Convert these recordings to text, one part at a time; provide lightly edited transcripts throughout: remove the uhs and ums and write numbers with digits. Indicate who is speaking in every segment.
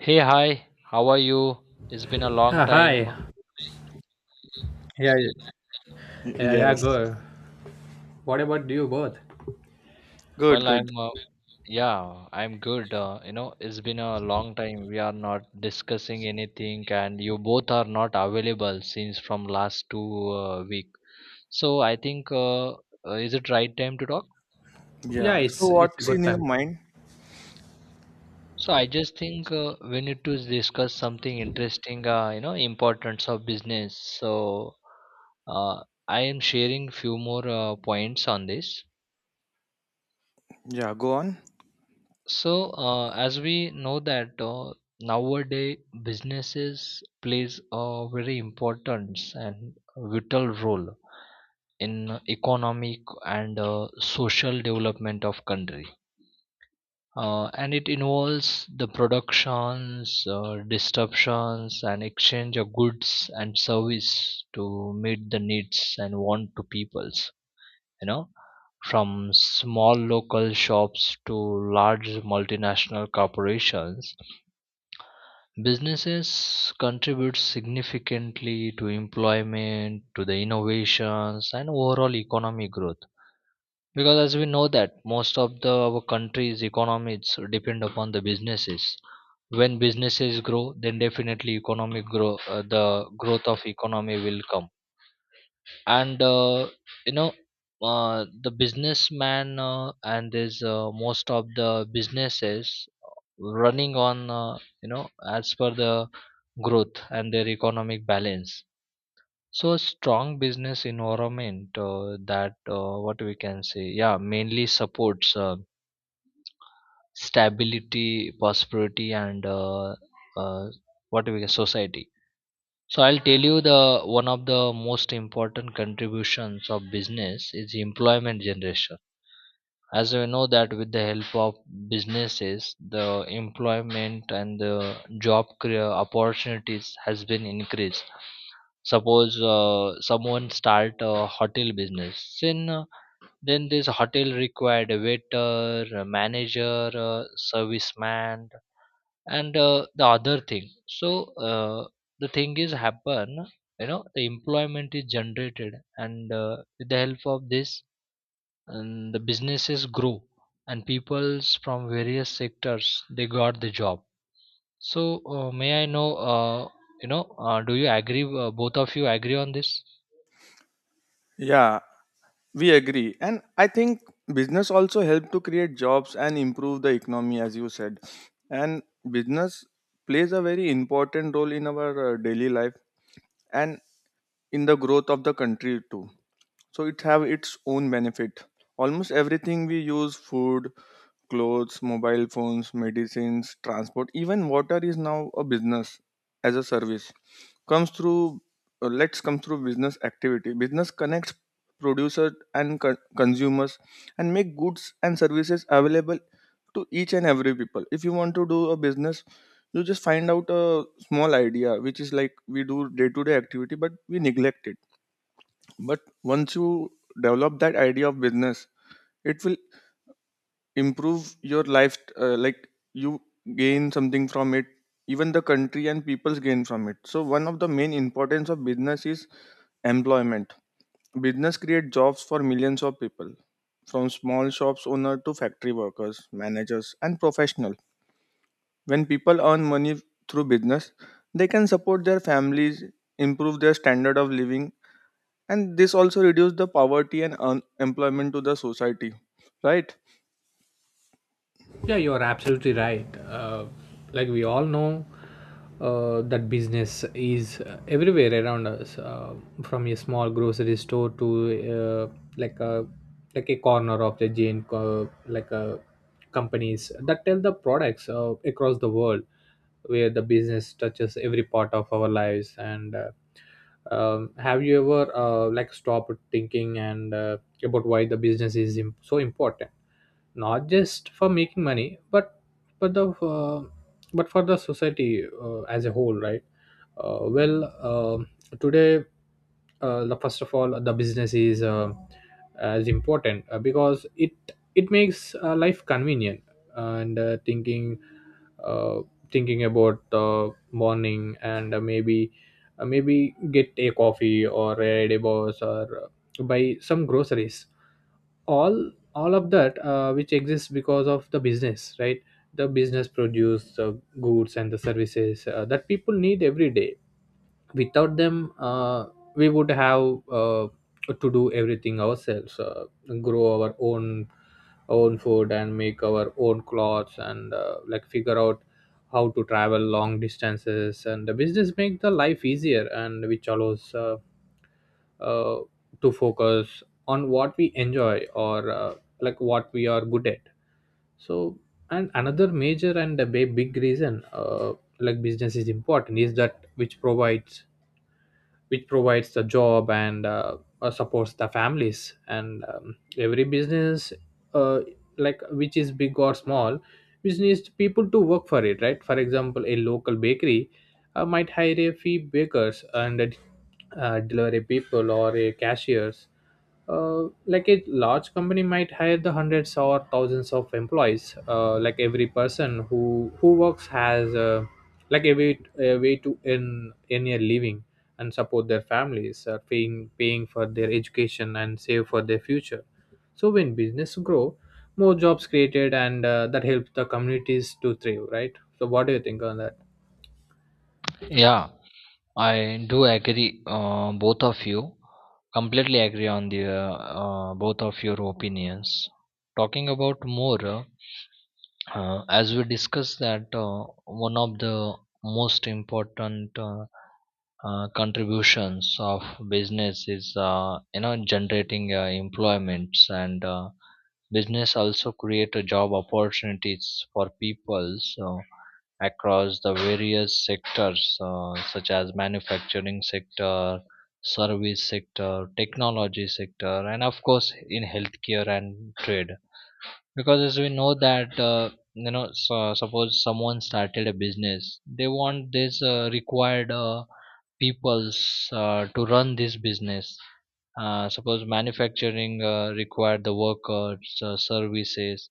Speaker 1: Hey, hi. How are you? It's been a long
Speaker 2: Ah, hi.
Speaker 1: time.
Speaker 2: Yeah,
Speaker 3: Y-
Speaker 2: yeah, yeah,
Speaker 3: Yes.
Speaker 2: go. What about you both?
Speaker 3: Good,
Speaker 1: Well,
Speaker 3: good.
Speaker 1: I'm yeah, I'm good. You know, it's been a long time. We are not discussing anything, and you both are not available since from last two week. So I think is it right time to talk?
Speaker 2: Yeah,
Speaker 3: Yeah. So
Speaker 2: it's a
Speaker 3: what's in
Speaker 2: good
Speaker 3: your
Speaker 2: time.
Speaker 3: mind?
Speaker 1: So I just think we need to discuss something interesting. You know, importance of business. So uh, I am sharing few more points on this.
Speaker 3: Yeah, go on.
Speaker 1: So, as we know that nowadays businesses plays a very important and vital role in economic and social development of country. And it involves the productions, disruptions, and exchange of goods and service to meet the needs and want to peoples. You know, from small local shops to large multinational corporations, businesses contribute significantly to employment, to the innovations, and overall economic growth. Because as we know that most of the our country's economies depend upon the businesses. When businesses grow, then definitely economic grow, the growth of economy will come and you know the businessman and there's most of the businesses running on, you know, as per the growth and their economic balance. So a strong business environment that, what we can say, yeah, mainly supports stability, prosperity, and uh, what we can society. So I'll tell you the one of the most important contributions of business is employment generation. As we know that with the help of businesses, the employment and the job career opportunities has been increased. Suppose someone start a hotel business, then this hotel required a waiter, a manager, a serviceman, and the other thing. So uh, the thing is happen, you know, the employment is generated and, with the help of this and the businesses grow and peoples from various sectors they got the job. So may I know do you agree, both of you agree on this?
Speaker 3: Yeah, we agree. And I think business also help to create jobs and improve the economy as you said. And business plays a very important role in our daily life and in the growth of the country too. So it have its own benefit. Almost everything we use, food, clothes, mobile phones, medicines, transport, even water is now a business as a service, comes through let's come through business activity. Business connects producers and consumers and make goods and services available to each and every people. If you want to do a business, you just find out a small idea, which is like we do day to day activity but we neglect it. But once you develop that idea of business, it will improve your life. Like you gain something from it, even the country and peoples gain from it. So one of the main importance of business is employment. Business create jobs for millions of people, from small shops owner to factory workers, managers, and professional. When people earn money through business, they can support their families, improve their standard of living, and this also reduce the poverty and unemployment to the society, right?
Speaker 2: Yeah, you're absolutely right. Like we all know, that business is everywhere around us, from a small grocery store to like a like a corner of the giant like a companies that tell the products across the world, where the business touches every part of our lives and. Have you ever like stopped thinking and about why the so important, not just for making money but the but for the society, as a whole, right? uh, well um Today, the first of all, the business is as important because it makes life convenient, and uh, thinking about the morning, and maybe get a coffee or a divorce or buy some groceries. All of that which exists because of the business, right? The business produce the goods and the services that people need every day. Without them, we would have to do everything ourselves, grow our own food and make our own clothes and like figure out how to travel long distances, and the business make the life easier and which allows uh, to focus on what we enjoy or like what we are good at. So, and another major and a big reason, like business is important, is that which provides the job and supports the families. And every business, uh, like which is big or small, which needs people to work for it, right? For example, a local bakery might hire a few bakers and delivery people or a cashiers. Like a large company might hire the hundreds or thousands of employees. Like every person who works has like a way to earn a living and support their families, paying for their education and save for their future. So when business grow, more jobs created, and that helps the communities to thrive, right? So what do you think on that?
Speaker 1: Yeah, I do agree, both of you. Completely agree on the both of your opinions. Talking about more, as we discussed that one of the most important contributions of business is, you know, generating employments. And business also create a job opportunities for people so, across the various sectors such as manufacturing sector, service sector, technology sector, and of course in healthcare and trade. Because as we know that, you know, so, suppose someone started a business, they want this required peoples to run this business. Suppose manufacturing required the workers, services.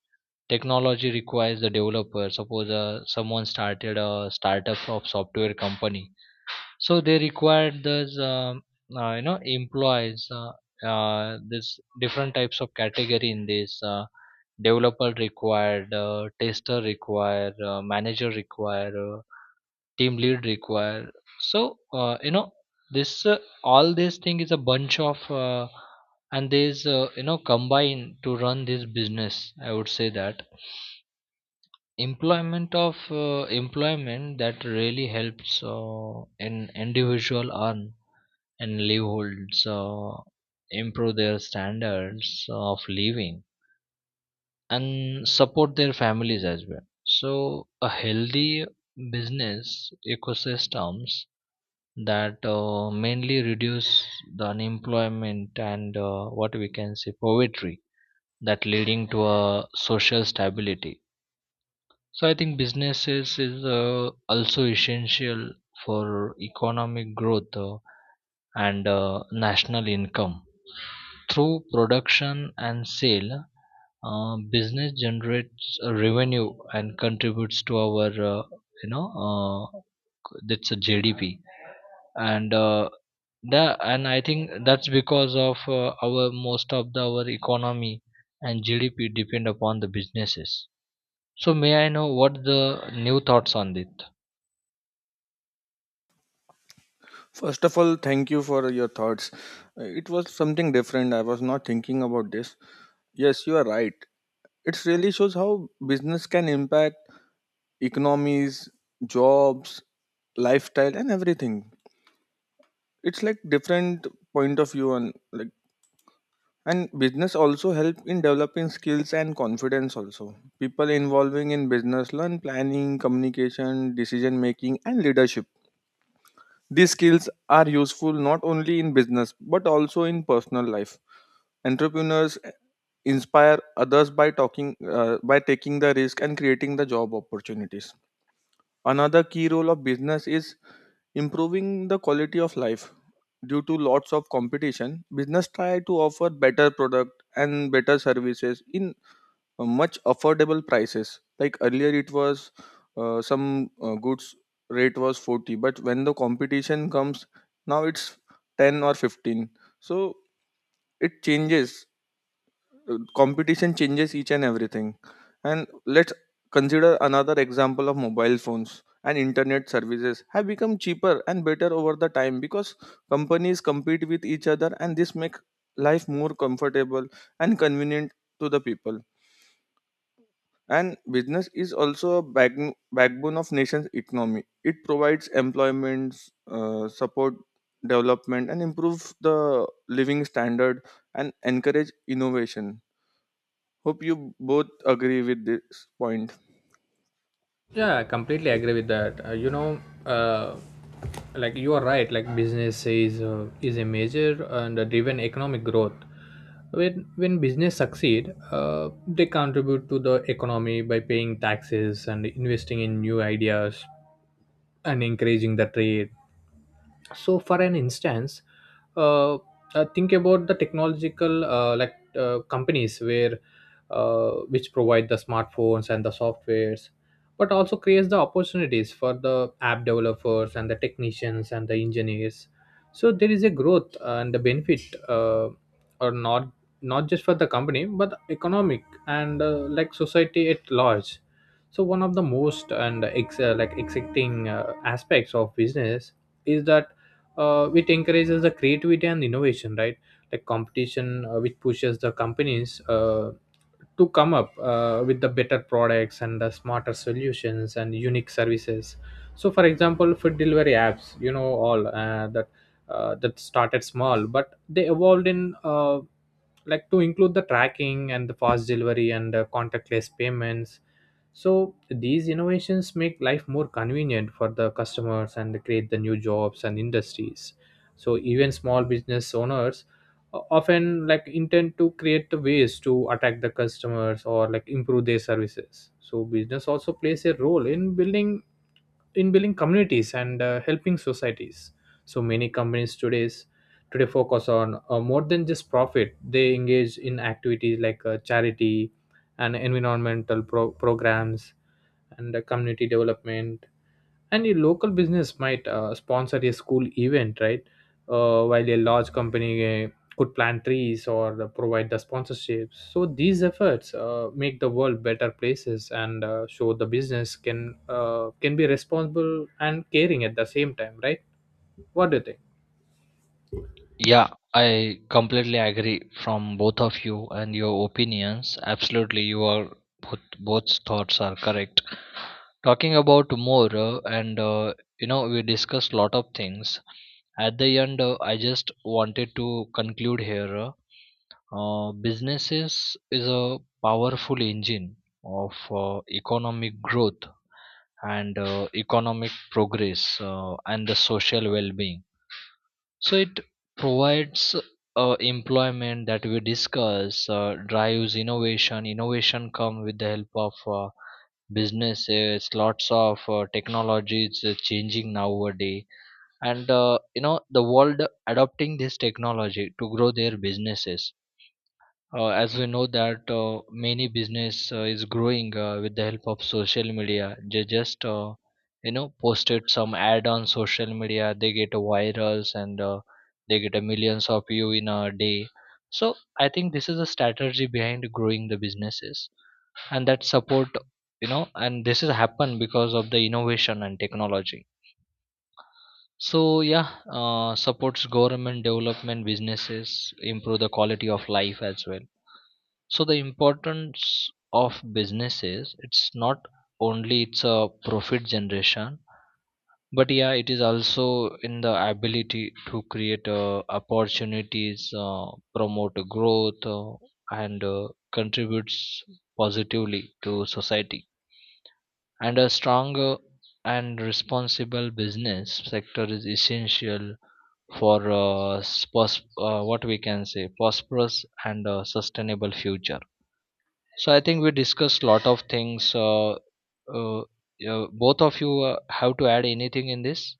Speaker 1: Technology requires the developer. Suppose someone started a startup of software company, so they required those you know, employees. This different types of category in this, developer required, tester required, manager required, team lead require. So, you know, this all this thing is a bunch of uh, and these, you know, combine to run this business. I would say that employment of employment that really helps an individual earn and livelihoods, improve their standards of living and support their families as well. So a healthy business ecosystems that mainly reduce the unemployment and, what we can say, poverty, that leading to a social stability. So I think businesses is also essential for economic growth and national income through production and sale. Business generates a revenue and contributes to our, you know uh, that's a GDP. And uh, the and I think that's because of our most of the, our economy and GDP depend upon the businesses. So may I know what the new thoughts on it?
Speaker 3: First of all, thank you for your thoughts. It was something different, I was not thinking about this. Yes, you are right. It really shows how business can impact economies, jobs, lifestyle and everything. It's like different point of view on like. And business also help in developing skills and confidence also. People involving in business learn planning, communication, decision making and leadership. These skills are useful not only in business but also in personal life. Entrepreneurs inspire others by talking, by taking the risk and creating the job opportunities. Another key role of business is improving the quality of life. Due to lots of competition, business try to offer better product and better services in much affordable prices. Like earlier, it was some goods rate was 40, but when the competition comes, now it's 10 or 15. So it changes, competition changes each and everything. And let's consider another example of mobile phones and internet services have become cheaper and better over the time because companies compete with each other, and this make life more comfortable and convenient to the people. And business is also a backbone of nation's economy. It provides employment, support development and improve the living standard and encourage innovation. Hope you both agree with this point.
Speaker 2: Yeah, I completely agree with that. Uh, like you are right. Like business is a major and a driven economic growth. When business succeed, they contribute to the economy by paying taxes and investing in new ideas and encouraging the trade. So for an instance, uh, think about the technological like companies where which provide the smartphones and the softwares, but also creates the opportunities for the app developers and the technicians and the engineers. So there is a growth and the benefit, or not not just for the company but economic and like society at large. So one of the most and like exciting aspects of business is that it encourages the creativity and innovation, right? Like competition which pushes the companies to come up with the better products and the smarter solutions and unique services. So for example, food delivery apps, you know, all that started small, but they evolved in like to include the tracking and the fast delivery and the contactless payments. So these innovations make life more convenient for the customers and create the new jobs and industries. So even small business owners often like intend to create the ways to attack the customers or like improve their services. So business also plays a role in building communities and helping societies. So many companies today today focus on more than just profit. They engage in activities like charity and environmental programs and community development. And a local business might sponsor a school event, right? While a large company could plant trees or provide the sponsorships. So these efforts make the world better places and show the business can be responsible and caring at the same time, right? What do you think?
Speaker 1: Yeah, I completely agree from both of you and your opinions. Absolutely, you are both thoughts are correct. Talking about more and, you know, we discussed lot of things. At the end, I just wanted to conclude here. Businesses is a powerful engine of economic growth and economic progress and the social well-being. So it provides employment that we discuss, drives innovation. Innovation come with the help of businesses. Lots of technologies is changing nowadays, and, you know, the world adopting this technology to grow their businesses. As we know that many business is growing with the help of social media. They just, you know, posted some ad on social media, they get a virals and they get a millions of view in a day. So I think this is a strategy behind growing the businesses and that support, you know, and this has happened because of the innovation and technology. So yeah, supports government development businesses improve the quality of life as well. So the importance of business is it's not only it's a profit generation, but yeah it is also in the ability to create opportunities, promote growth, and contributes positively to society. And a strong and responsible business sector is essential for what we can say prosperous and sustainable future. So I think we discussed a lot of things. Uh, Both of you have to add anything in this?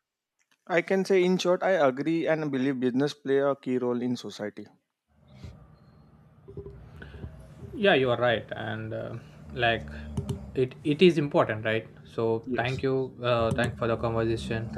Speaker 3: I can say, in short, I agree and believe business play a key role in society.
Speaker 2: Yeah, you are right, and like it is important, right? So
Speaker 3: Yes.
Speaker 2: thank you,
Speaker 3: Thank
Speaker 2: thank for the conversation.
Speaker 3: thank